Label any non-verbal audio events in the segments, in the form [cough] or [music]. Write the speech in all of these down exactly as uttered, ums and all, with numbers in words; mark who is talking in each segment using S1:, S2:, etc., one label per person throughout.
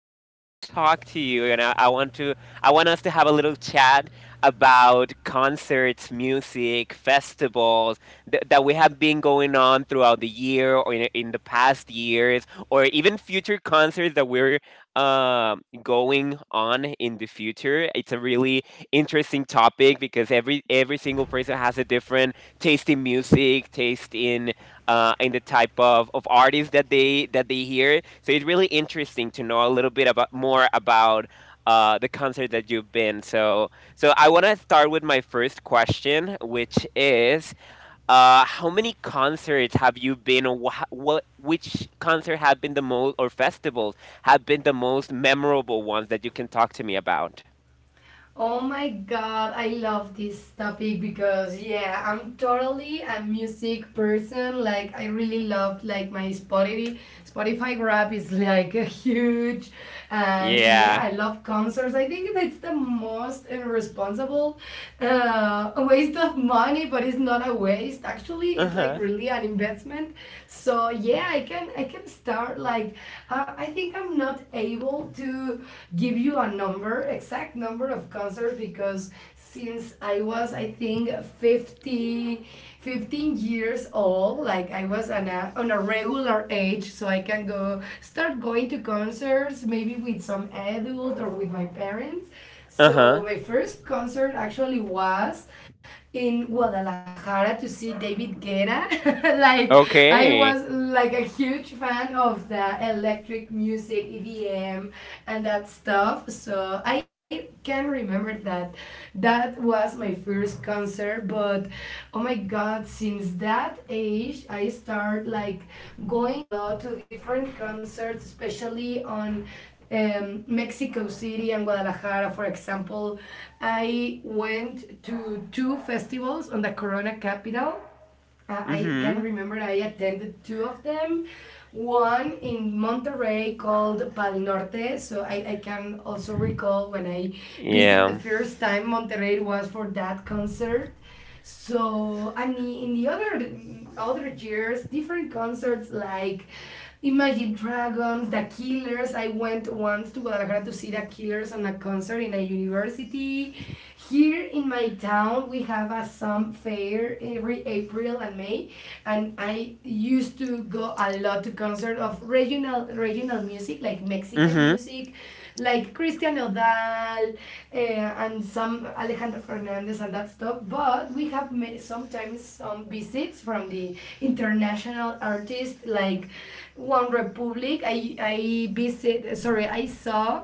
S1: I want to talk to you, and I, I want to, I want us to have a little chat about concerts, music, festivals th- that we have been going on throughout the year, or in, in the past years, or even future concerts that we're um, going on in the future. It's a really interesting topic because every every single person has a different taste in music, taste in uh, and the type of, of artists that they that they hear. So it's really interesting to know a little bit about more about uh, the concert that you've been. So so I want to start with my first question, which is uh, how many concerts have you been? Or wha- what which concert have been the most, or festivals have been the most memorable ones that you can talk to me about?
S2: Oh my god, I love this topic because yeah, I'm totally a music person. Like I really love like my Spotify Spotify rap is like [laughs] a huge and yeah,
S1: Yeah.
S2: I love concerts. I think that's the most irresponsible uh, waste of money, but it's not a waste. Actually,
S1: Uh
S2: it's like
S1: huh.
S2: really an investment. So yeah, I can I can start like uh, I think I'm not a able to give you a number, exact number of concerts because since I was I think fifty, fifteen years old, like I was on a on a regular age so I can go start going to concerts maybe with some adult or with my parents.
S1: Uh
S2: So
S1: huh.
S2: my first concert actually was in Guadalajara to see David Guetta. [laughs] Like I
S1: Okay.
S2: was like a huge fan of the electric music, E D M, and that stuff. So I can remember that that was my first concert. But oh my god, since that age, I start like going a lot to different concerts, especially on um, Mexico City and Guadalajara, for example. I went to two festivals on the Corona capital. Uh, I can
S1: Mhm.
S2: remember I attended two of them. One in Monterrey called Pal Norte. So I, I can also recall when I visit the
S1: Yeah.
S2: first time Monterrey was for that concert. So and in the other other years, different concerts like Imagine Dragons, The Killers. I went once to Guadalajara to see The Killers on a concert in a university. Here in my town, we have a some fair every April and May, and I used to go a lot to concert of regional regional music like Mexican
S1: Mhm.
S2: music, like Christian Odal uh, and some Alejandro Fernandez and that stuff. But we have made sometimes some visits from the international artists like One Republic. I I visit sorry I saw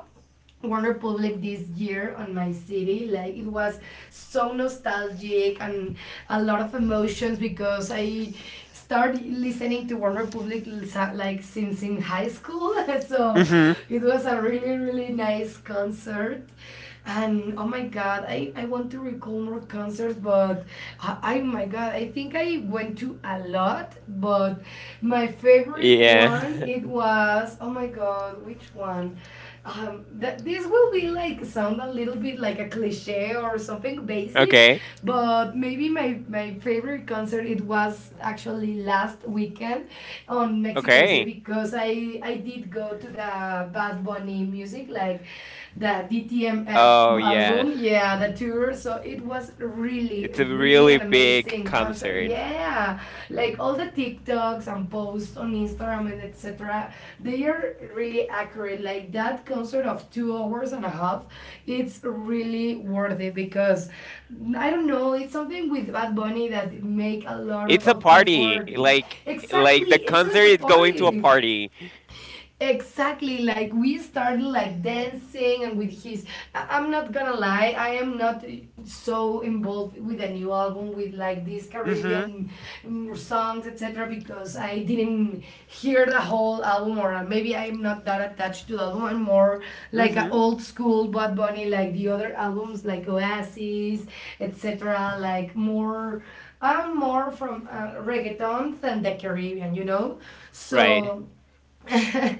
S2: Warner Public this year on my city. Like it was so nostalgic and a lot of emotions because I started listening to Warner Public like since in high school. [laughs] So
S1: Mhm.
S2: it was a really really nice concert. And oh my god, I, I want to recall more concerts, but I, I my god, I think I went to a lot, but my favorite
S1: Yeah.
S2: one it
S1: [laughs]
S2: was oh my god, which one? Um, that this will be like sound a little bit like a cliche or something basic,
S1: Okay.
S2: but maybe my, my favorite concert it was actually last weekend on Mexico
S1: Okay.
S2: City because I I did go to the Bad Bunny music like the D T M F
S1: Oh yeah.
S2: album, yeah, the tour, so it was really
S1: It's a
S2: really
S1: really
S2: an
S1: big
S2: amazing concert.
S1: concert.
S2: Yeah, like all the TikToks and posts on Instagram and et cetera. They are really accurate. Like that concert of two hours and a half, it's really worth it because I don't know. It's something with Bad Bunny that make a lot of,
S1: It's a
S2: of
S1: party.
S2: effort.
S1: Like like the
S2: Exactly, it's
S1: concert
S2: like a
S1: is going to a
S2: party.
S1: party.
S2: Exactly, like we started like dancing and with his. I- I'm not gonna lie, I am not so involved with a new album with like these
S1: Mhm.
S2: Caribbean mm, songs, et cetera, because I didn't hear the whole album, or uh, maybe I'm not that attached to the album. I'm more like a
S1: Mhm.
S2: old school Bad Bunny, like the other albums, like Oasis, et cetera, like more. I'm more from uh, reggaeton than the Caribbean, you know?
S1: Right.
S2: So [laughs]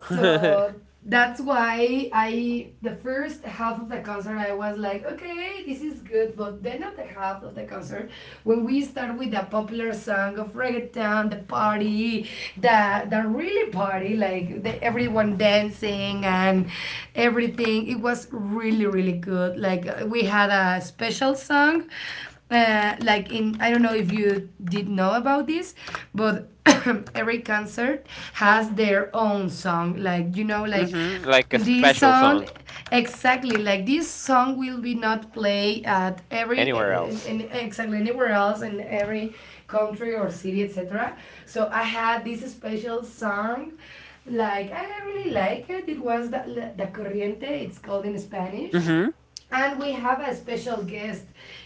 S1: [laughs] mhm.
S2: that's why I the first half of the concert I was like, okay, this is good, but then at the half of the concert, when we start with the popular song of reggaeton, the party, the the really party, like the, everyone dancing and everything, it was really really good. Like we had a special song uh, like in I don't know if you did know about this, but [coughs] every concert has their own song. Like you know, like
S1: Like a
S2: this
S1: special
S2: song
S1: song
S2: exactly like this song will be not play at every uh,
S1: anywhere
S2: in,
S1: else.
S2: in exactly anywhere else in every country or city, etc. So I had this special song, like I really like it. It was the, the corriente, it's called in Spanish.
S1: Mhm.
S2: And we have a special guest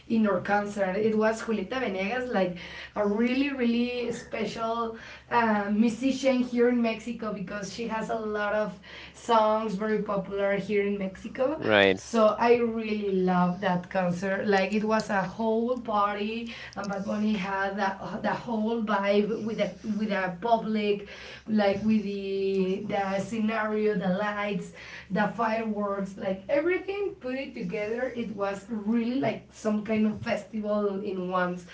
S2: in our concert. It was Julieta Venegas, like a really, really special uh, musician here in Mexico because she has a lot of songs very popular here in Mexico.
S1: Right.
S2: So I really love that concert. Like it was a whole party, and Bad Bunny had that the whole vibe with the with the public, like with the the scenario, the lights, the fireworks, like everything put it together it together, it was really like some kind of festival in once.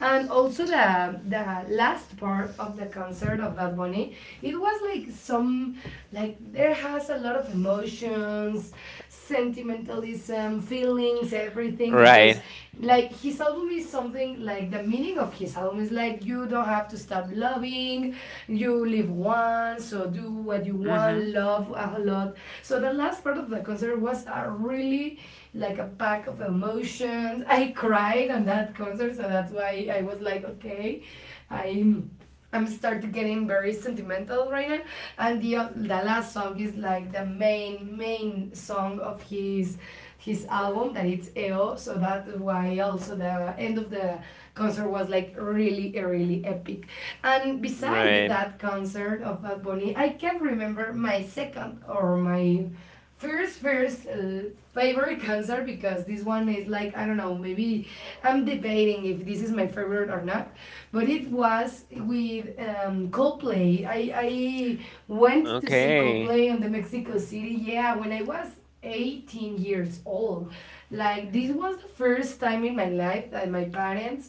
S2: And also the the last part of the concert of Bad Bunny, it was like some like there has a lot of emotions, sentimentalism, feelings, everything
S1: Right.
S2: because like his album is something like the meaning of his album is like you don't have to stop loving, you live once, so do what you want,
S1: Mhm.
S2: love a lot. So the last part of the concert was a really like a pack of emotions. I cried on that concert, so that's why I was like, okay, I'm I'm starting getting very sentimental right now. And the uh, the last song is like the main main song of his his album that it's E O. So that's why also the end of the concert was like really really epic. And beside
S1: Right.
S2: that concert of Bad Bunny, I can not remember my second or my first first uh, favorite concert because this one is like I don't know maybe I'm debating if this is my favorite or not, but it was with um, Coldplay. I I went to see
S1: Okay.
S2: Coldplay on the Mexico City. Yeah, when I was eighteen years old. Like this was the first time in my life that my parents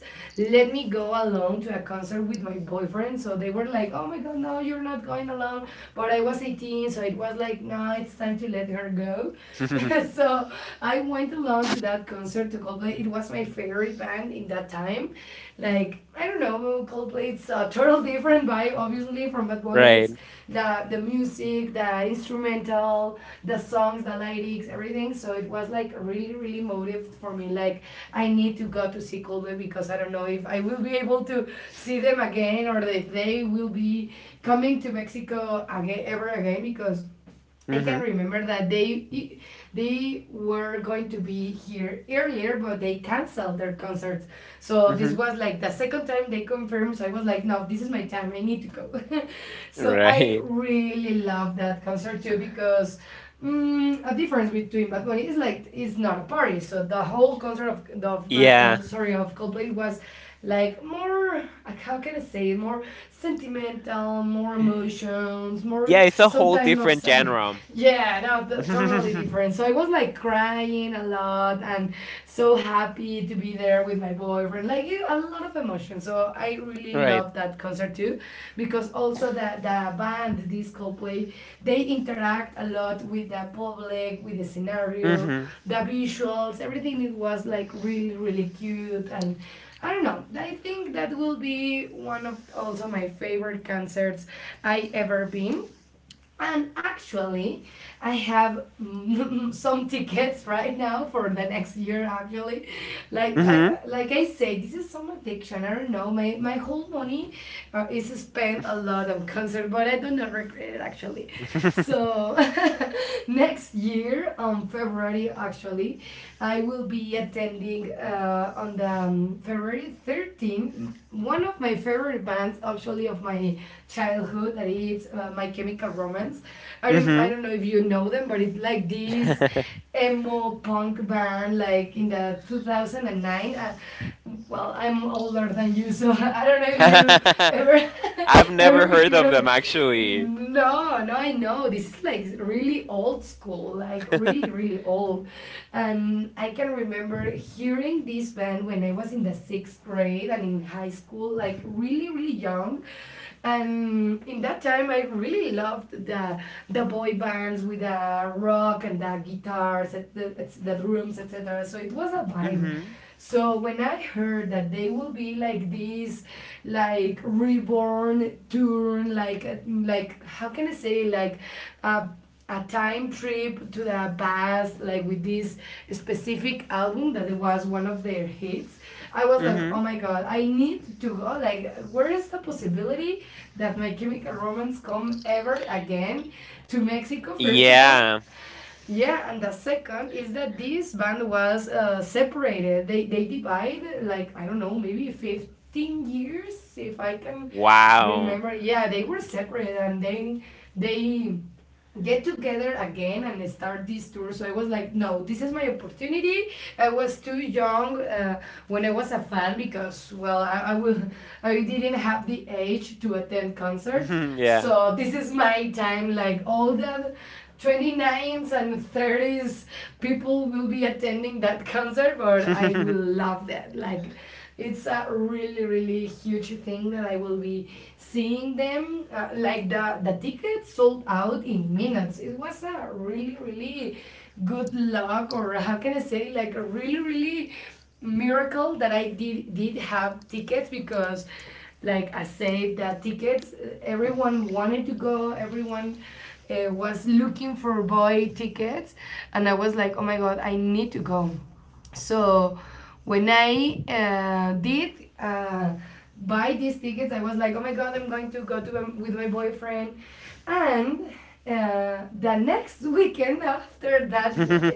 S2: let me go alone to a concert with my boyfriend, so they were like oh my god no you're not going alone, but I was eighteen, so it was like, no, it's time to let her go. [laughs]
S1: [laughs]
S2: So I went along to that concert to Coldplay. It was my favorite band in that time. Like, I don't know, Coldplay, it's a total different vibe, obviously, from Bad Bunny.
S1: right.
S2: It's the, the music, the instrumental, the songs, the lyrics, everything. So it was like really, really motive for me. Like, I need to go to see Coldplay because I don't know if I will be able to see them again or if they will be coming to Mexico again ever again because I can
S1: Mhm.
S2: remember that they they were going to be here earlier, but they canceled their concerts. So this
S1: Mhm.
S2: was like the second time they confirmed. So I was like, no, this is my time. I need to go. [laughs] So I
S1: Right. [laughs]
S2: really love that concert too because mm, a difference between Bad Bunny. It's like it's not a party. So the whole concert of the of,
S1: Yeah.
S2: uh, sorry of Coldplay was like more like, how can I say it? More sentimental, more emotions, more
S1: Yeah, it's a whole
S2: sometimes of
S1: different
S2: sign.
S1: genre.
S2: [laughs] Yeah, no, the, totally
S1: [laughs]
S2: different. So I was like crying a lot and so happy to be there with my boy boyfriend, like a lot of emotion. So I really
S1: right.
S2: love that concert too because also the, the band this Coldplay, they interact a lot with the public, with the scenario,
S1: Mhm.
S2: the visuals, everything. It was like really really cute, and I don't know, I think that will be one of also my favorite concerts I ever been. And actually, I have [laughs] some tickets right now for the next year. Actually, like
S1: Mhm.
S2: I like I say, this is some addiction. I don't know. My my whole money uh, is spent a lot on concert, but I do not regret it actually.
S1: [laughs]
S2: So [laughs] next year on February, actually I will be attending uh, on the um, February thirteenth one of my favorite bands actually of my childhood that is uh, My Chemical Romance. I don't, I
S1: Mhm.
S2: don't know if you know them, but it's like this
S1: [laughs]
S2: emo punk band like in the two thousand nine, uh, well I'm older than you so [laughs] I don't know if you ever [laughs]
S1: I've never
S2: ever
S1: heard
S2: heard
S1: of them
S2: of.
S1: actually.
S2: No no I know this is like really old school, like really really old. And I can remember hearing this band when I was in the sixth grade and in high school, like really really young. And in that time I really loved the the boy bands with the rock and the guitars, and the, the drums, et cetera. So it was a vibe.
S1: Mhm.
S2: So when I heard that they will be like this, like reborn turn, like like how can I say like a a time trip to the past, like with this specific album that was one of their hits, I was like,
S1: Mhm.
S2: oh my god, I need to go. Like, where is the possibility that My Chemical Romance come ever again to Mexico, first of all?
S1: Yeah.
S2: Yeah, and the second is that this band was uh, separated. They, they divided like, I don't know, maybe fifteen years, if I can
S1: Wow.
S2: remember. Yeah, they were separate and then they get together again and start this tour. So I was like, no, this is my opportunity. I was too young uh, when I was a fan because, well, I, I, will, I didn't have the age to attend concerts.
S1: Mhm. Yeah.
S2: So this is my time, like all the twenty-nines and thirties people will be attending that concert, but I will
S1: [laughs]
S2: love that. Like, it's a really really huge thing that I will be seeing them uh, like the the tickets sold out in minutes. It was a really really good luck or how can I say like a really really miracle that I did did have tickets because like I said the tickets uh, everyone wanted to go, everyone uh, was looking for boy tickets, and I was like, oh my god, I need to go. So when I uh, did uh, buy these tickets, I was like, oh my god, I'm going to go to um, with my boyfriend, and uh, the next [laughs] weekend after that, uh,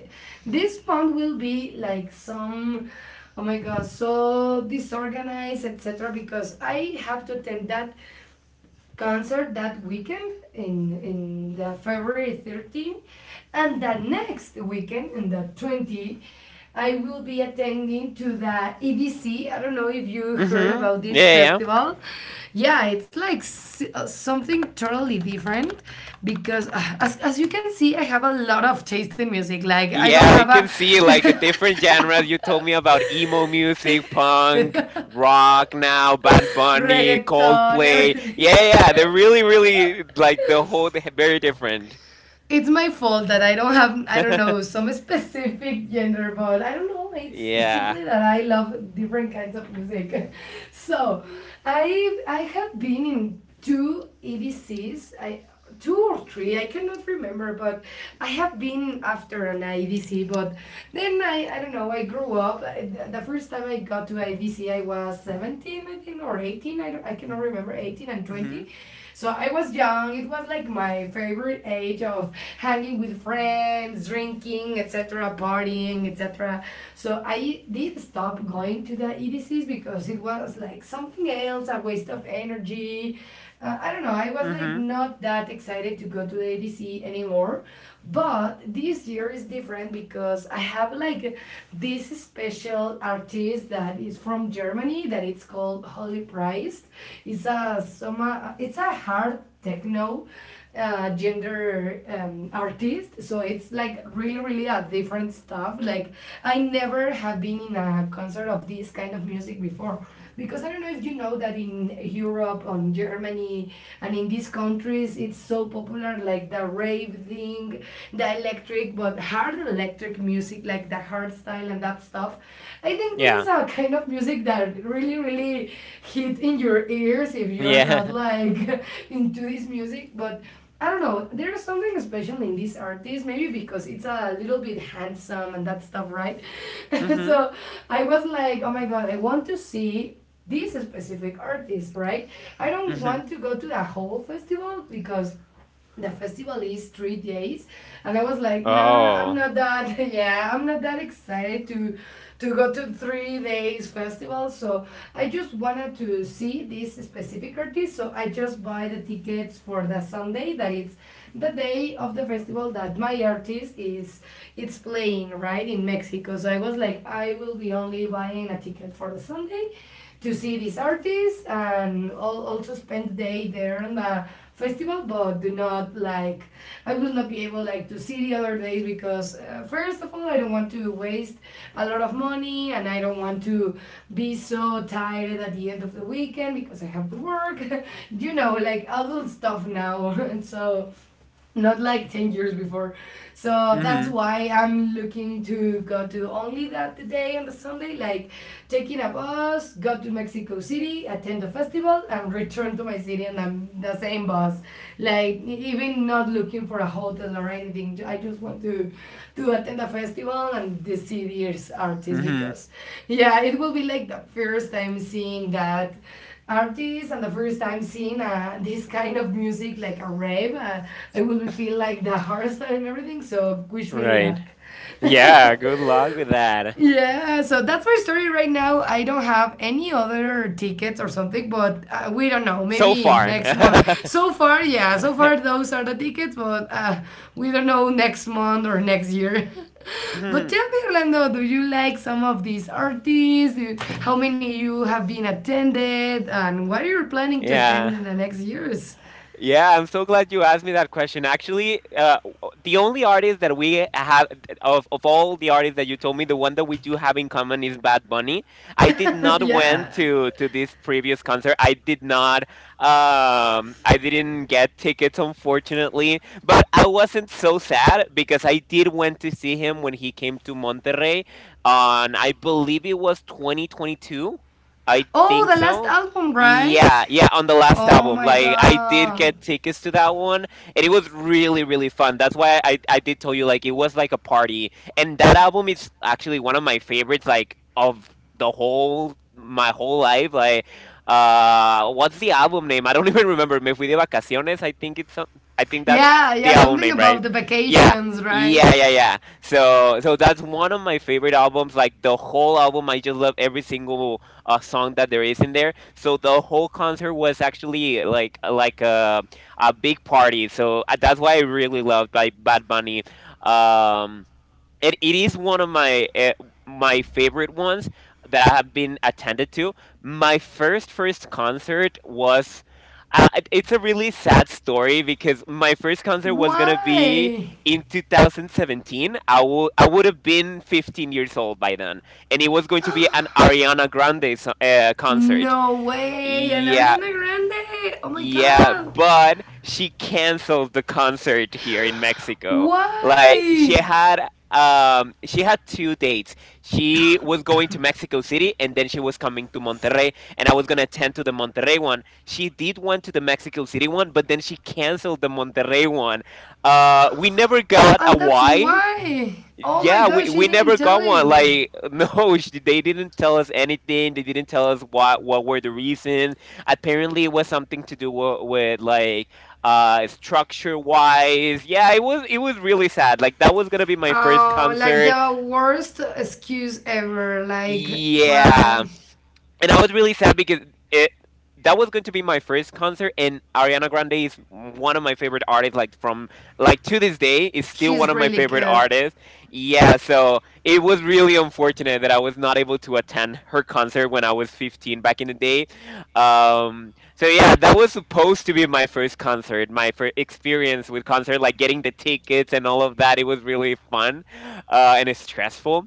S2: this month will be like some. Oh my god, so disorganized, et cetera. Because I have to attend that concert that weekend in in the February thirteenth, and the next weekend in the twentieth I will be attending to the E B C. I don't know if you heard
S1: Mhm.
S2: about this
S1: Yeah, yeah.
S2: festival. Yeah, it's like uh, something totally different because uh, as, as you can see, I have a lot of taste in music. Like I don't
S1: Yeah,
S2: have
S1: I
S2: a
S1: can see like a
S2: [laughs]
S1: different genres. You told me about emo music, punk, rock, now Bad Bunny,
S2: reggaeton,
S1: Coldplay.
S2: everything.
S1: Yeah, yeah, yeah. They're really, really, like the whole they're very different.
S2: It's my fault that I don't have I don't know
S1: [laughs]
S2: some specific gender, but I don't know. It's
S1: yeah.
S2: simply that I love different kinds of music. [laughs] So, I I have been in two E D Cs. I Two or three. I cannot remember, but I have been after an I V C. But then I I don't know. I grew up. I- the- first time I got to I V C, I was seventeen, I think, or eighteen. I don't, I cannot remember. Eighteen and
S1: Mhm.
S2: twenty, so I was young. It was like my favorite age of hanging with friends, drinking, et cetera, partying, et cetera. So I did stop going to the E D Cs because it was like something else, a waste of energy. Uh, I don't know. I
S1: Mhm.
S2: was like not that excited to go to the E D C anymore. But this year is different because I have like this special artist that is from Germany that it's called called Holy Priest. It's a soma, it's a hard techno uh, gender um, artist, so it's like really really a different stuff. Like I never have been in a concert of this kind of music before because I don't know if you know that in Europe, on Germany, and in these countries, it's so popular, like the rave thing, the electric but hard electric music, like the hard style and that stuff. I think this
S1: Yeah.
S2: is a kind of music that really, really hit in your ears if you're
S1: Yeah.
S2: not
S1: [laughs]
S2: like [laughs] into this music. But I don't know, there's something special in this artist, maybe because it's a little bit handsome and that stuff, right? [laughs]
S1: Mhm.
S2: So I was like, oh my god, I want to see this specific artist, right? I don't
S1: Mhm.
S2: want to go to the whole festival because the festival is three days, and I was like, nah, I'm
S1: Oh.
S2: not that [laughs] yeah, I'm not that excited to to go to three days festival. So I just wanted to see this specific artist, so I just buy the tickets for the Sunday that it's the day of the festival that my artist is, it's playing right in Mexico. So I was like, I will be only buying a ticket for the Sunday to see these artists and also spend the day there on the festival, but do not like, I will not be able like to see the other days because uh, first of all, I don't want to waste a lot of money, and I don't want to be so tired at the end of the weekend because I have to work [laughs] you know like adult stuff now [laughs] and so not like ten years before. So that's
S1: Mhm.
S2: why I'm looking to go to only that day, and the Sunday, like taking a bus, go to Mexico City, attend the festival, and return to my city and I'm the same bus. Like e-, even not looking for a hotel or anything. I just want to to attend a festival and the city's artists
S1: Mhm.
S2: because yeah, it will be like the first time seeing that artists and the first time seeing uh, this kind of music like a rave. uh, I will feel like the heart and everything, so wish me
S1: Right.
S2: luck. [laughs]
S1: Yeah, good luck with that.
S2: Yeah, so that's my story right now. I don't have any other tickets or something, but uh, we don't know.
S1: So
S2: Maybe
S1: far.
S2: next month.
S1: [laughs]
S2: So far, yeah, so far those are the tickets, but uh, we don't know next month or next year. [laughs] But
S1: Mhm.
S2: tell me, Orlando, do you like some of these artists? Do- How many you have been attended, and what are you planning to attend
S1: Yeah.
S2: in the next years?
S1: Yeah, I'm so glad you asked me that question. Actually, uh, the only artist that we have of of all the artists that you told me, the one that we do have in common is Bad Bunny. I did
S2: [laughs]
S1: not went
S2: Yeah.
S1: to to this previous concert. I did not. Um, I didn't get tickets, unfortunately. But I wasn't so sad because I did went to see him when he came to Monterrey on, I believe it was two thousand twenty-two. I
S2: Oh,
S1: think
S2: the last
S1: so.
S2: album, right?
S1: Yeah, yeah, on the last
S2: Oh
S1: album.
S2: my
S1: Like I did
S2: god.
S1: get tickets to that one and it was really really fun. That's why I I did tell you like it was like a party. And that album is actually one of my favorites, like of the whole my whole life. Like uh what's the album name? I don't [laughs] even remember. Me fui de vacaciones. I think it's some- I think that's
S2: Yeah,
S1: the
S2: yeah,
S1: album
S2: something
S1: name,
S2: about
S1: right?
S2: the
S1: Yeah.
S2: vacations, right?
S1: Yeah, yeah, yeah. So so that's one of my favorite albums. Like the whole album, I just love every single a song that there is in there, so the whole concert was actually like like a a big party. So uh, that's why I really love by Bad Bunny. Um, it, it is one of my uh, my favorite ones that I have been attended to. My first first concert was. Uh, it- it's a really sad story because my first concert was gonna be
S2: Why?
S1: in two thousand seventeen. I would I would have been fifteen years old by then, and it was going to be an Ariana Grande so- uh, concert.
S2: No way. And
S1: Yeah,
S2: Ariana Grande. Oh my
S1: yeah,
S2: god.
S1: but she canceled the concert here in Mexico. Like she
S2: Why?
S1: had um she had two dates. She was going to Mexico City and then she was coming to Monterrey, and I was going to attend to the Monterrey one. She did one to the Mexico City one, but then she canceled the Monterrey one. Uh we never got
S2: And
S1: a
S2: that's
S1: why.
S2: why. Oh my
S1: Yeah,
S2: gosh,
S1: we,
S2: she
S1: we
S2: didn't
S1: never got
S2: tell
S1: one.
S2: you.
S1: Like [laughs] no sh- they didn't tell us anything, they didn't tell us what what were the reasons. Apparently it was something to do with, with like uh structure wise. Yeah, it was it was really sad. Like that was gonna be my first
S2: Oh, like
S1: concert.
S2: the worst excuse ever. Like,
S1: Yeah,
S2: why?
S1: and I was really sad because it that was going to be my first concert, and Ariana Grande is one of my favorite artists. Like from like to this day, is still one
S2: She's
S1: of my
S2: really
S1: favorite
S2: good.
S1: artists. Yeah, so it was really unfortunate that I was not able to attend her concert when I was fifteen back in the day. Um, so yeah, that was supposed to be my first concert, my first experience with concert, like getting the tickets and all of that. It was really fun, uh, and it's stressful.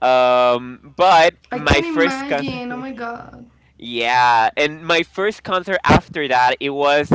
S1: Um, but
S2: I can
S1: my first concert.
S2: imagine. Oh my god.
S1: Yeah, and my first concert after that, it was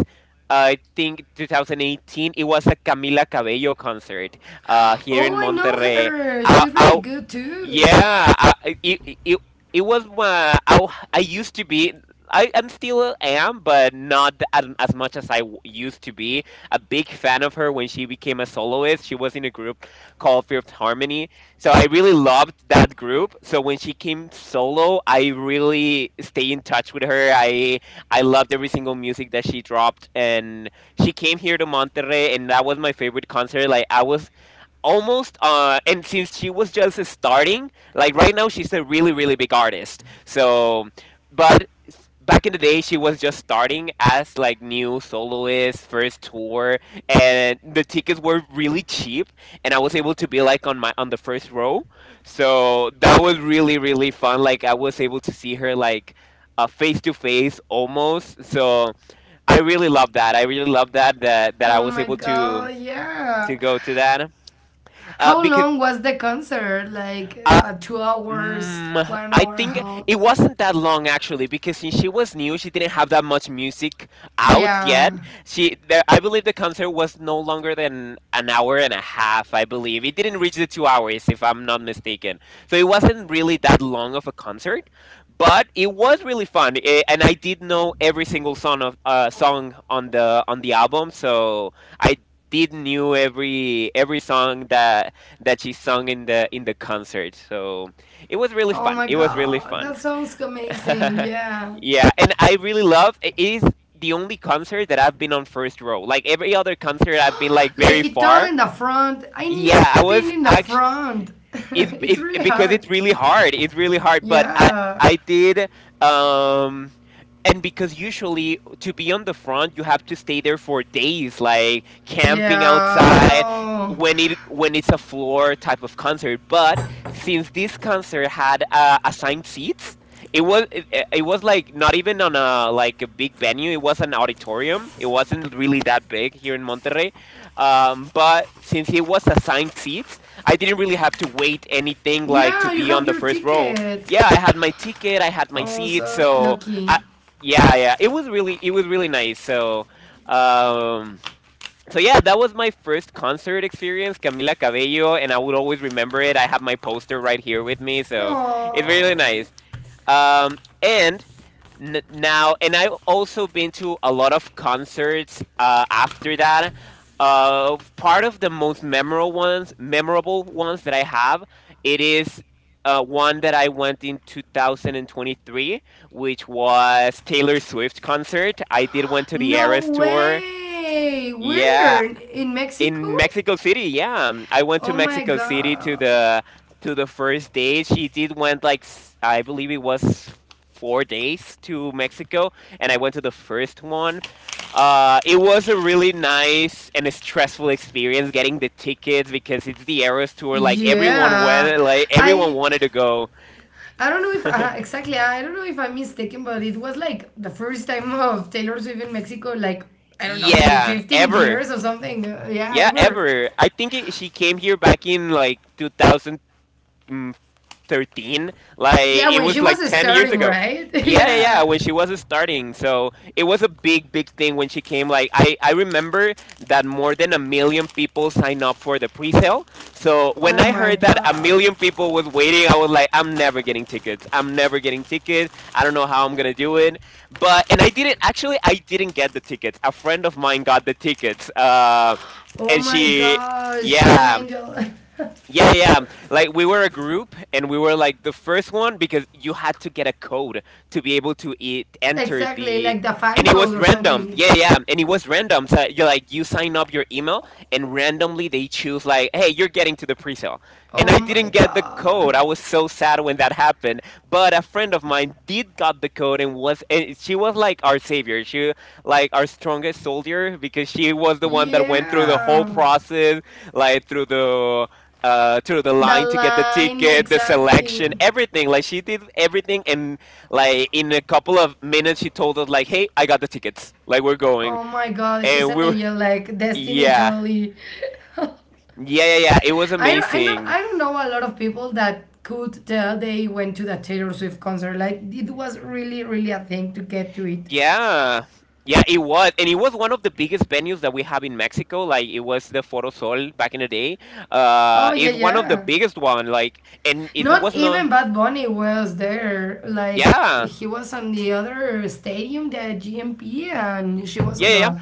S1: I think two thousand eighteen. It was a Camila Cabello concert uh, here in
S2: Oh, I know
S1: Monterrey.
S2: her.
S1: I,
S2: She's really
S1: I
S2: good too.
S1: yeah, I, it, it it it was my I, w- I used to be. I am still am, but not as, as much as I w- used to be. A big fan of her when she became a soloist. She was in a group called Fifth Harmony, so I really loved that group. So when she came solo, I really stay in touch with her. I I loved every single music that she dropped, and she came here to Monterrey, and that was my favorite concert. Like I was almost uh and since she was just starting, like right now she's a really really big artist. So but s- back in the day she was just starting as like new soloist first tour, and the tickets were really cheap, and I was able to be like on my on the first row. So that was really really fun, like I was able to see her like uh, face to face almost. So i really love that I really love that that that I
S2: Oh
S1: was
S2: my
S1: able to
S2: god, yeah.
S1: to go to that. Uh,
S2: How
S1: because
S2: long was the concert? Like
S1: uh,
S2: uh, two hours,
S1: Mm,
S2: one
S1: I
S2: hour and a
S1: think
S2: half?
S1: it wasn't that long actually, because since she was new, she didn't have that much music out
S2: Yeah.
S1: yet. She, the, I believe the concert was no longer than an hour and a half. I believe it didn't reach the two hours, if I'm not mistaken. So it wasn't really that long of a concert, but it was really fun, eh, and I did know every single song of uh, song on the on the album. So I did knew every every song that that she sung in the in the concert. So it was really
S2: Oh my
S1: fun. It was really
S2: god, that
S1: fun.
S2: sounds amazing.
S1: [laughs]
S2: Yeah.
S1: Yeah, and I really love it is the only concert that I've been on first row. Like every other concert I've been
S2: [gasps]
S1: like
S2: Like
S1: very
S2: it all in
S1: far.
S2: the front. I
S1: Yeah,
S2: never
S1: I
S2: been
S1: was
S2: in the
S1: actually
S2: front. [laughs]
S1: it's,
S2: It's
S1: it's
S2: really
S1: because
S2: hard.
S1: it's really hard. It's really hard, but I
S2: Yeah.
S1: I did um and because usually to be on the front you have to stay there for days, like camping
S2: Yeah,
S1: outside,
S2: no.
S1: when it when it's a floor type of concert. But since this concert had uh, assigned seats, it was it, it it was like not even on a like a big venue, it was an auditorium, it wasn't really that big here in Monterrey. um, but since it was assigned seats, I didn't really have to wait anything like to
S2: Yeah, you
S1: be on
S2: have
S1: the
S2: your
S1: first row.
S2: ticket.
S1: Yeah, I had my ticket, I had my seat.
S2: Also,
S1: So
S2: lucky.
S1: yeah, yeah. It was really it was really nice. So, um so yeah, that was my first concert experience, Camila Cabello, and I would always remember it. I have my poster right here with me, so it's
S2: Oh.
S1: really nice. um, and n- now and I've also been to a lot of concerts uh, after that. Uh, part of the most memorable ones memorable ones that I have, it is uh, one that I went in twenty twenty-three, which was Taylor Swift concert. I did went to the
S2: No
S1: Eras tour.
S2: way. We're
S1: Yeah,
S2: in Mexico?
S1: in Mexico City, yeah. um, I went to
S2: Oh my
S1: Mexico City to
S2: god.
S1: the to the first day. She did went like s- I believe it was four days to Mexico, and I went to the first one. Uh, it was a really nice and a stressful experience getting the tickets because it's the Eras tour. Like everyone went,
S2: Yeah.
S1: like everyone
S2: I
S1: wanted to go.
S2: I don't know if
S1: [laughs]
S2: uh, exactly, I don't know if I'm mistaken, but it was like the first time of Taylor Swift in Mexico, like I don't know, in
S1: Yeah,
S2: fifteen
S1: ever.
S2: years or something. Uh, yeah,
S1: Yeah,
S2: ever.
S1: ever. I think it, she came here back in like two thousand. thirteen, like
S2: Yeah,
S1: it
S2: when she
S1: was like
S2: was
S1: ten years
S2: starting,
S1: ago.
S2: right? [laughs]
S1: Yeah yeah yeah,
S2: Yeah.
S1: when she was starting. So it was a big big thing when she came. Like i i remember that more than a million people signed up for the pre-sale. So when
S2: Oh
S1: I
S2: my
S1: heard that a
S2: god.
S1: million people was waiting, I was like, I'm never getting tickets, I'm never getting tickets, I don't know how I'm gonna do it. But and I didn't actually, I didn't get the tickets. A friend of mine got the tickets, uh
S2: Oh
S1: and
S2: my
S1: she.
S2: gosh, she's an
S1: Yeah,
S2: angel.
S1: yeah, yeah. Yeah. Like we were a group and we were like the first one because you had to get a code to be able to e
S2: [laughs]
S1: enter
S2: Exactly,
S1: the
S2: like the
S1: and
S2: fan
S1: It
S2: code
S1: was
S2: or
S1: random.
S2: something.
S1: Yeah, yeah. yeah. And it was random. So you are like you sign up your email, and randomly they choose like, "Hey, you're getting to the pre-sale." And
S2: Oh
S1: I
S2: my
S1: didn't get the code.
S2: god.
S1: I was so sad when that happened. But a friend of mine did got the code and was and she was like our savior. She like our strongest soldier because she was the one that went through the whole
S2: Yeah.
S1: process, like through the uh through the
S2: The
S1: line to get the
S2: line,
S1: ticket, the selection,
S2: exactly.
S1: everything. Like she did everything. And like in a couple of minutes she told us like, "Hey, I got the tickets, like we're going."
S2: Oh my god, she's
S1: And
S2: an
S1: we were
S2: angel, like
S1: [laughs]
S2: Destiny
S1: yeah
S2: totally. [laughs] I
S1: yeah yeah yeah it was
S2: don't, I know
S1: amazing.
S2: I don't know a lot of people that could tell they went to the Taylor Swift concert. Like it was really really a thing to get to it.
S1: Yeah, yeah, it was. And it was one of the biggest venues that we have in Mexico. Like it was the Foro Sol back in the day. Uh
S2: Oh yeah,
S1: it's one of the
S2: yeah.
S1: biggest one, like, and it
S2: Not
S1: was not.
S2: even Bad Bunny was there. Like
S1: yeah yeah
S2: he was on the other stadium, the G M P, and she was on
S1: yeah yeah.
S2: the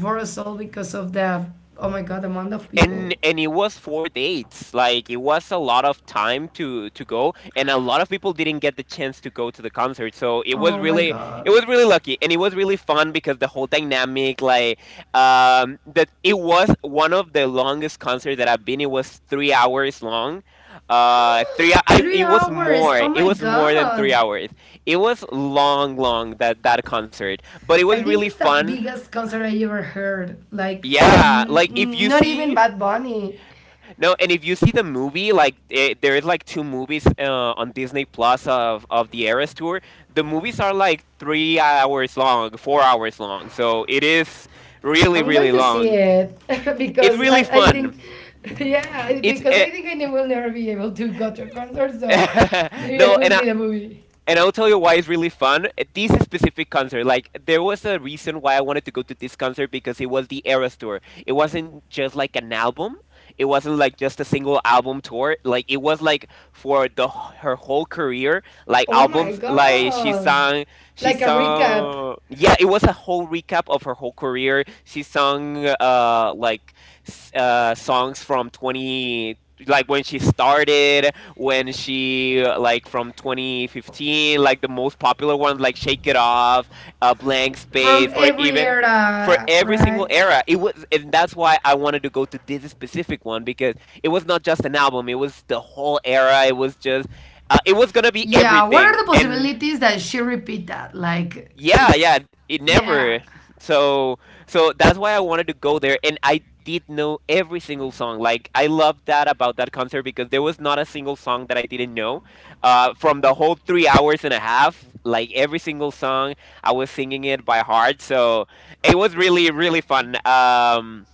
S2: Forest because of the oh my god amount of
S1: and
S2: people.
S1: and it was four dates. Like it was a lot of time to to go, and a lot of people didn't get the chance to go to the concert, so it was
S2: Oh my
S1: really, it
S2: god.
S1: was really lucky. And it was really fun because the whole dynamic, like, um that, it was one of the longest concerts that I've been. It was three hours long. Uh three I,
S2: Three
S1: it was
S2: hours.
S1: more,
S2: Oh
S1: it
S2: my
S1: was more than three
S2: god.
S1: hours It was long, long, that that concert, but it
S2: I
S1: was
S2: think
S1: really
S2: it's the
S1: fun.
S2: biggest concert I ever heard. Like,
S1: Yeah,
S2: n-
S1: like if
S2: n-
S1: you
S2: not even
S1: see.
S2: Bad Bunny.
S1: No, and if you see the movie, like, eh, there is like two movies uh, on Disney Plus of of the Eras tour. The movies are like three hours long, four hours long, so it is really
S2: I'm going
S1: really
S2: to see
S1: long.
S2: it [laughs]
S1: It's
S2: because I,
S1: really
S2: I
S1: fun.
S2: think, [laughs] yeah, I-
S1: It's
S2: because I think I ne- will never be able to go to a concert, so
S1: uh, [laughs]
S2: maybe I
S1: no,
S2: will
S1: and
S2: see the movie.
S1: and I'll tell you why it's really fun. Uh, This specific concert, like there was a reason why I wanted to go to this concert because it was the Eras tour. It wasn't just like an album. It wasn't like just a single album tour. Like it was like for the wh- her whole career, like
S2: Oh my
S1: albums. Like she
S2: god!
S1: sang, she
S2: Like a recap
S1: sung. Yeah, it was a whole recap of her whole career. She sung uh like s- uh songs from twenty, like when she started, when she, uh, like from twenty fifteen, like the most popular ones like Shake It Off, uh, Blank
S2: from
S1: Space, or
S2: every
S1: even for
S2: era,
S1: every single
S2: right?
S1: era. It was, and that's why I wanted to go to this specific one, because it was not just an album; it was the whole era. It was just, uh, it was gonna be
S2: Yeah, what are
S1: everything.
S2: the
S1: And
S2: possibilities that she repeat that? Like,
S1: yeah, yeah,
S2: it's,
S1: it
S2: yeah.
S1: never. So so that's why I wanted to go there, and I did know every single song. Like I loved that about that concert, because there was not a single song that I didn't know. Uh from the whole three hours and a half, like every single song, I was singing it by heart. So it was really really fun. Um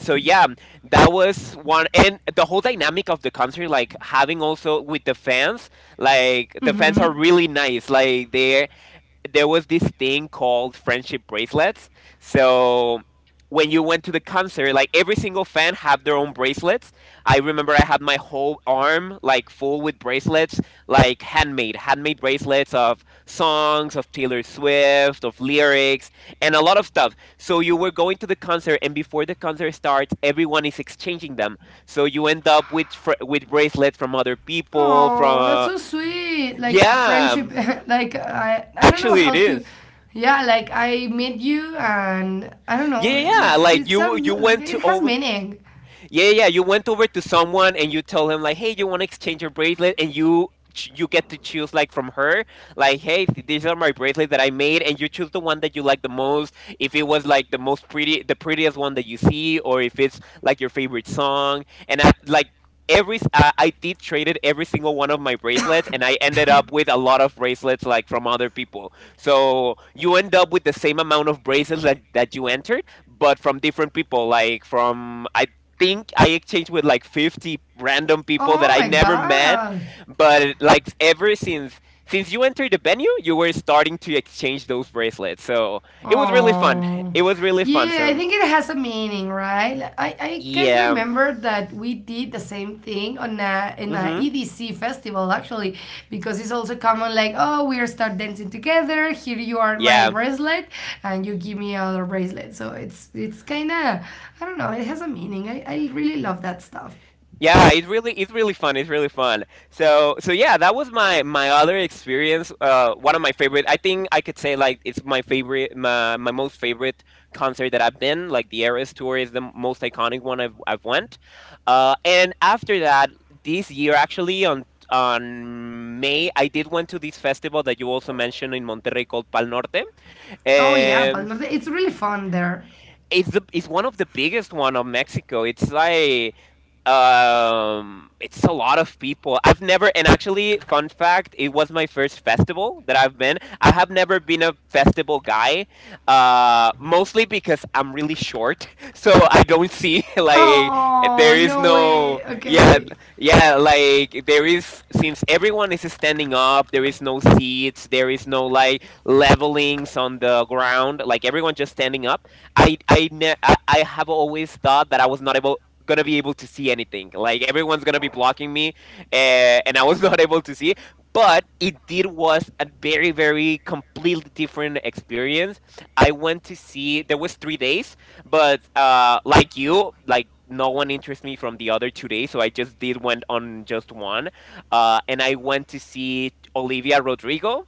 S1: So yeah, that was one. And the whole dynamic of the concert, like having also with the fans, like the
S2: Mm
S1: fans
S2: hmm.
S1: are really nice. Like they, there was this thing called friendship bracelets. So when you went to the concert, like every single fan have their own bracelets. I remember I had my whole arm like full with bracelets, like handmade, handmade bracelets of songs of Taylor Swift, of lyrics, and a lot of stuff. So you were going to the concert, and before the concert starts, everyone is exchanging them. So you end up with fr- with bracelets from other people.
S2: Oh, that's
S1: From
S2: so sweet. Like
S1: yeah,
S2: friendship. [laughs] Like I, I don't know
S1: actually, it
S2: how to.
S1: is.
S2: Yeah, like I met you, and I don't know.
S1: Yeah, yeah, yeah.
S2: It's
S1: Like
S2: it's
S1: you,
S2: some.
S1: you went
S2: It
S1: to
S2: has
S1: over
S2: meaning.
S1: yeah, yeah. yeah, you went over to someone and you told him like, "Hey, you want to exchange your bracelet?" And you ch- you get to choose like from her, like, "Hey, th- these are my bracelets that I made," and you choose the one that you like the most. If it was like the most pretty, the prettiest one that you see, or if it's like your favorite song, and I like. Every s- I I did traded every single one of my bracelets, and I ended up with a lot of bracelets like from other people. So you end up with the same amount of bracelets that, that you entered, but from different people. Like from, I think I exchanged with like fifty random people
S2: Oh
S1: that I
S2: my
S1: never met.
S2: god.
S1: But like ever since, since you entered the venue, you were starting to exchange those bracelets. So it was really fun.
S2: Oh,
S1: It was really fun.
S2: yeah, I
S1: So
S2: think it has a meaning, right? Like, I, I can
S1: yeah.
S2: remember that we did the same thing on a in a
S1: Mm-hmm.
S2: E D C festival actually, because it's also common like, oh, we are start dancing together. Here you are my
S1: Yeah.
S2: bracelet, and you give me other bracelet. So it's it's kind of I don't know. It has a meaning. I, I really love that stuff.
S1: Yeah, it's really, it's really fun. It's really fun. So so yeah, that was my my other experience. Uh, one of my favorite. I think I could say like it's my favorite, my, my most favorite concert that I've been. Like the Eras tour is the m- most iconic one I've I've went. Uh, and after that, this year actually on on May, I did went to this festival that you also mentioned in Monterrey called Pal Norte.
S2: Oh yeah,
S1: Um,
S2: Palmar. de- It's really fun there.
S1: it's the, it's one of the biggest one of Mexico. It's like, um it's a lot of people, I've never, and actually fun fact, it was my first festival that I've been. I have never been a festival guy, uh mostly because I'm really short [laughs] so I don't see [laughs] like
S2: Oh,
S1: there is
S2: no
S1: no
S2: way.
S1: yeah,
S2: Okay.
S1: yeah, like there is, since everyone is standing up, there is no seats, there is no like levelings on the ground, like everyone just standing up. I i ne- I, I have always thought that I was not able, gonna be able to see anything. Like everyone's gonna be blocking me. Uh, and I was [laughs] not able to see. But it did was a very very completely different experience. I went to see. There was three days, but uh, like you, like no one interests me from the other two days, so I just did went on just one. Uh, and I went to see Olivia Rodrigo.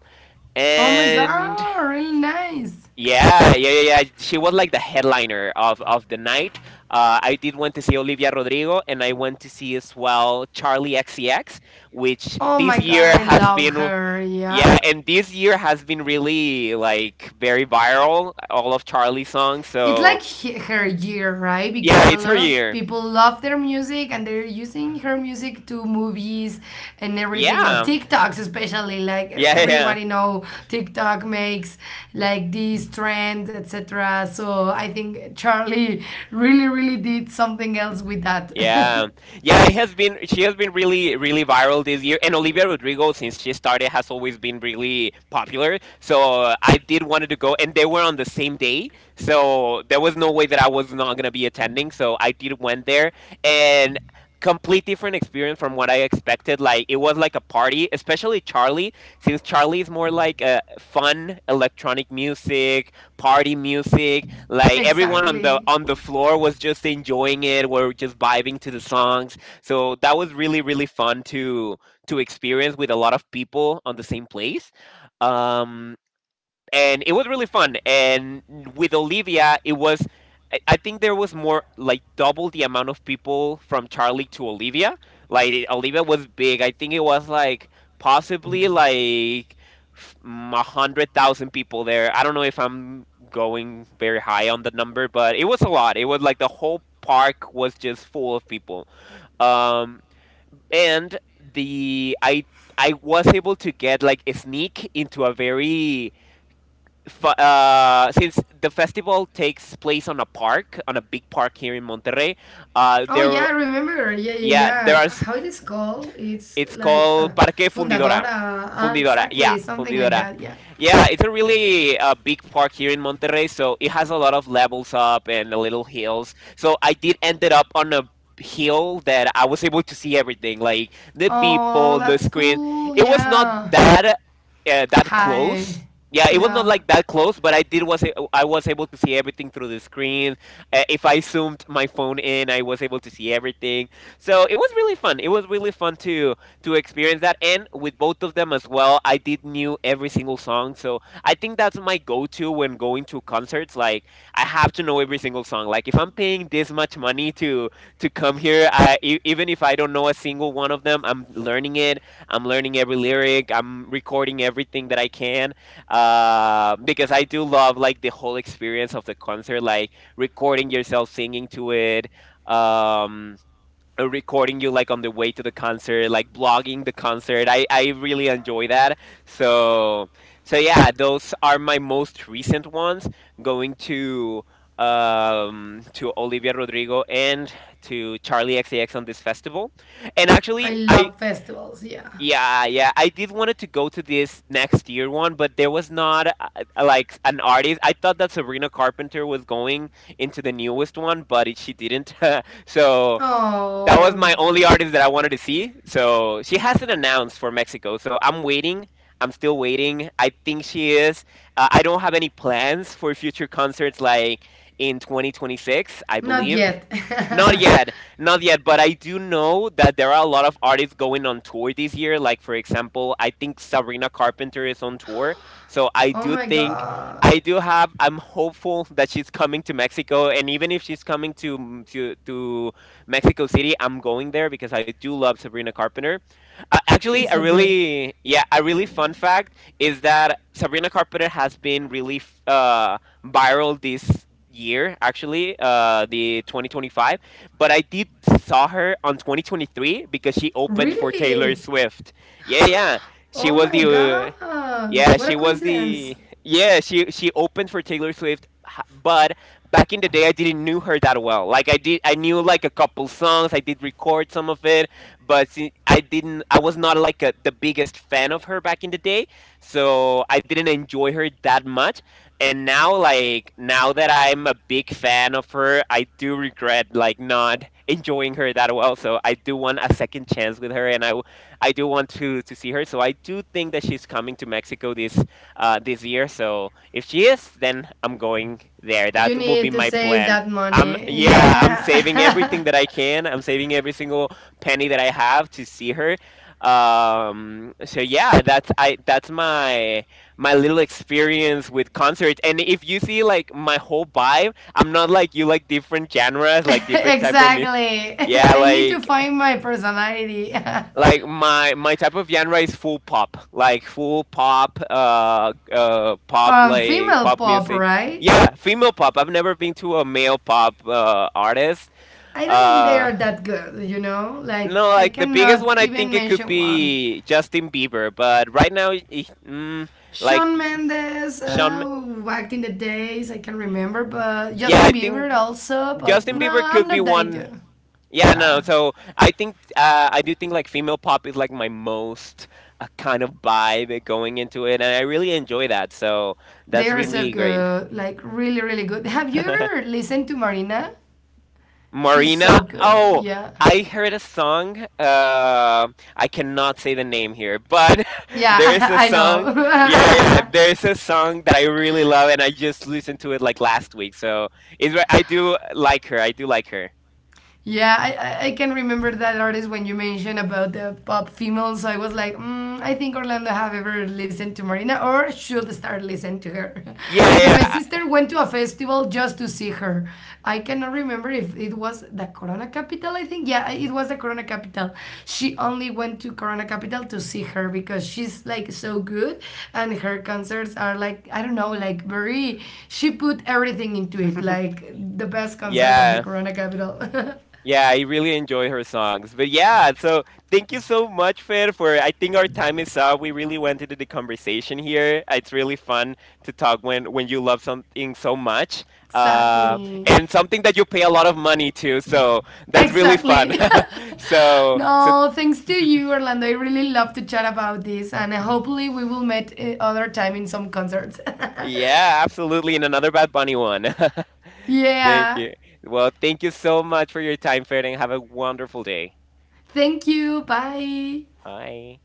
S2: Oh my
S1: And
S2: god, really nice.
S1: yeah, yeah, yeah, yeah, she was like the headliner of, of the night. Uh, I did want to see Olivia Rodrigo, and I went to see as well Charlie X C X, which
S2: Oh my
S1: this
S2: god,
S1: year
S2: I
S1: has
S2: love
S1: been,
S2: her.
S1: yeah,
S2: Yeah.
S1: and this year has been really like very viral. All of Charlie's songs.
S2: It's
S1: So
S2: like he- her year, right?
S1: yeah,
S2: Because a
S1: it's her
S2: lot of
S1: year.
S2: people love their music, and they're using her music to movies and everything, or
S1: Yeah,
S2: TikToks, especially like
S1: yeah, yeah. yeah.
S2: everybody know TikTok makes like these trends, et cetera. So I think Charlie really really did something else with
S1: Yeah,
S2: that.
S1: yeah, it has been. She has been really, really viral this year. And Olivia Rodrigo, since she started, has always been really popular. So uh, I did wanted to go, and they were on the same day, so there was no way that I was not gonna be attending. So I did went there, and complete different experience from what I expected. Like it was like a party, especially Charlie, since Charlie is more like a fun electronic music, party music.
S2: [laughs]
S1: Like everyone on the
S2: Exactly.
S1: on the floor was just enjoying it. We're just vibing to the songs. So that was really really fun to to experience with a lot of people on the same place. Um, and it was really fun. And with Olivia, it was. I- I think there was more like double the amount of people from Charlie to Olivia. Like it- Olivia was big. I think it was like possibly like f- mm, a hundred thousand people there. I don't know if I'm going very high on the number, but it was a lot. It was like the whole park was just full of people. Um, and the I I was able to get like a sneak into a very fa- uh, since the festival takes place on a park, on a big park here in Monterrey, uh,
S2: Oh
S1: there,
S2: yeah, I remember. Yeah, yeah,
S1: yeah, there
S2: yeah.
S1: are,
S2: How it is called? It's
S1: it's
S2: like uh,
S1: called Parque Fundidora.
S2: fundadora. Uh,
S1: Fundidora, yeah,
S2: exactly, something like
S1: Fundidora.
S2: that. Yeah.
S1: Yeah, it's a really uh, big park here in Monterrey, so it has a lot of levels up and the little hills. So I did ended up on a hill that I was able to see everything, like the
S2: Oh,
S1: people, the
S2: that's
S1: screen.
S2: cool.
S1: It was not
S2: Yeah.
S1: that, uh, that close.
S2: Hi.
S1: Yeah, it was not
S2: Yeah.
S1: like that close, but I did was a- I was able to see everything through the screen. Uh, if I zoomed my phone in, I was able to see everything. So it was really fun. It was really fun to to experience that. And with both of them as well, I did knew every single song. So I think that's my go-to when going to concerts. Like I have to know every single song. Like if I'm paying this much money to to come here, I e- even if I don't know a single one of them, I'm learning it. I'm learning every lyric. I'm recording everything that I can. Uh, because I do love like the whole experience of the concert, like recording yourself singing to it. Um, uh, Recording you like on the way to the concert, like blogging the concert. I, I really enjoy that. So so yeah, those are my most recent ones. Going to um to Olivia Rodrigo and to Charlie X A X on this festival. And
S2: I
S1: actually I
S2: love festivals. Yeah.
S1: yeah, yeah, I did wanted to go to this next year one, but there was not uh, uh, like an artist. I thought that Sabrina Carpenter was going into the newest one, but it, she didn't. [laughs] So that was
S2: Oh,
S1: my only artist that I wanted to see. So she hasn't announced for Mexico. So I'm waiting. I'm still waiting. I think she is. Uh, I don't have any plans for future concerts like in twenty twenty-six, I
S2: not
S1: believe.
S2: yet.
S1: Not yet. Not yet. But I do know that there are a lot of artists going on tour this year. Like, for example, I think Sabrina Carpenter is on tour. So I
S2: [laughs] Oh
S1: do
S2: my
S1: think.
S2: god.
S1: I do have. I'm hopeful that she's coming to Mexico, and even if she's coming to to to Mexico City. I'm going there because I do love Sabrina Carpenter. Uh, actually,
S2: She's
S1: a
S2: so good.
S1: really Yeah, a really fun fact is that Sabrina Carpenter has been really f- uh, viral this year, actually, uh the twenty twenty-five, but I did saw her on twenty twenty-three because she opened for Taylor
S2: Really?
S1: Swift. Yeah,
S2: [gasps]
S1: yeah, she
S2: Oh
S1: was
S2: my
S1: the uh,
S2: god.
S1: yeah
S2: What a
S1: she was the
S2: coincidence.
S1: yeah, she she opened for Taylor Swift, h- but back in the day I didn't knew her that well. Like I did, I knew like a couple songs. I did record some of it, but see, I didn't. I was not like a, the biggest fan of her back in the day, so I didn't enjoy her that much. And now, like now that I'm a big fan of her, I do regret like not enjoying her that well. So I do want a second chance with her, and I w- I do want to to see her. So I do think that she's coming to Mexico this uh this year. So if she is, then I'm going there.
S2: You
S1: That will be
S2: need to
S1: my
S2: save
S1: plan.
S2: that
S1: I'm
S2: money.
S1: yeah, I'm saving
S2: Yeah.
S1: everything that
S2: [laughs]
S1: I can. I'm saving every single penny that I have to see her. Um, so yeah, that's I that's my my little experience with concerts. And if you see like my whole vibe, I'm not like you like different genres, like
S2: [laughs]
S1: different type of music.
S2: Exactly.
S1: [laughs]
S2: [laughs]
S1: Yeah,
S2: I need to
S1: like
S2: find my personality.
S1: like
S2: [laughs]
S1: my my type of genre is full pop, like full pop, uh uh pop,
S2: Um,
S1: like
S2: female
S1: pop
S2: pop,
S1: music.
S2: right?
S1: Yeah, female pop. I've never been to a male pop uh artist.
S2: I don't think they
S1: uh
S2: are that good, you know? Like,
S1: no,
S2: I
S1: like the biggest
S2: cannot
S1: one, I
S2: even
S1: think, it could
S2: mention one.
S1: be Justin Bieber, but right now eh, mm, like
S2: Shawn Mendes,
S1: sean Ma-
S2: uh, back in the days, I can remember, but
S1: yeah, I
S2: Justin
S1: think
S2: Bieber also, but
S1: Justin
S2: no,
S1: Bieber could
S2: I'm
S1: be
S2: not that
S1: one.
S2: into.
S1: Yeah, no.
S2: Yeah,
S1: So I think uh, I do think like female pop is like my most uh, kind of vibe going into it, and I really enjoy that. So
S2: they
S1: that's
S2: are so
S1: really great.
S2: good, like really, really good. Have you
S1: [laughs]
S2: ever listened to Marina? She's
S1: Marina.
S2: so good.
S1: Oh,
S2: Yeah,
S1: I heard a song. Uh, I cannot say the name here, but [laughs] there's
S2: yeah, [laughs]
S1: a
S2: I
S1: song. Yeah, yeah.
S2: know. [laughs]
S1: There's a song that I really love, and I just listened to it like last week. So it's right. I do like her. I do like her.
S2: Yeah, I, I- I can remember that artist when you mentioned about the pop females. I was like, mm, I think Orlando have ever listened to Marina or should start listening to her. [laughs] Because
S1: Yeah,
S2: my sister went to a festival just to see her. I cannot remember if it was the Corona Capital, I think. Yeah, it was the Corona Capital. She only went to Corona Capital to see her because she's like so good, and her concerts are like, I don't know, like very, she put everything into it,
S1: yeah.
S2: like the best concert of the
S1: [laughs] Yeah.
S2: Corona Capital. [laughs]
S1: Yeah, I really enjoy her songs. But yeah, so thank you so much, Fer, for I think our time is up. We really went into the conversation here. It's really fun to talk when when you love something so much. Uh,
S2: Exactly.
S1: and something that you pay a lot of money to, so that's really fun.
S2: Exactly.
S1: [laughs]
S2: [laughs]
S1: so so
S2: No, thanks to you, Orlando. I really love to chat about this, and uh, hopefully, we will meet uh, other time in some concerts. [laughs]
S1: yeah, absolutely, and another Bad Bunny one. [laughs] Thank
S2: Yeah.
S1: you. Well, thank you so much for your time, Fer, and have a wonderful day.
S2: Thank you. Bye.
S1: Bye.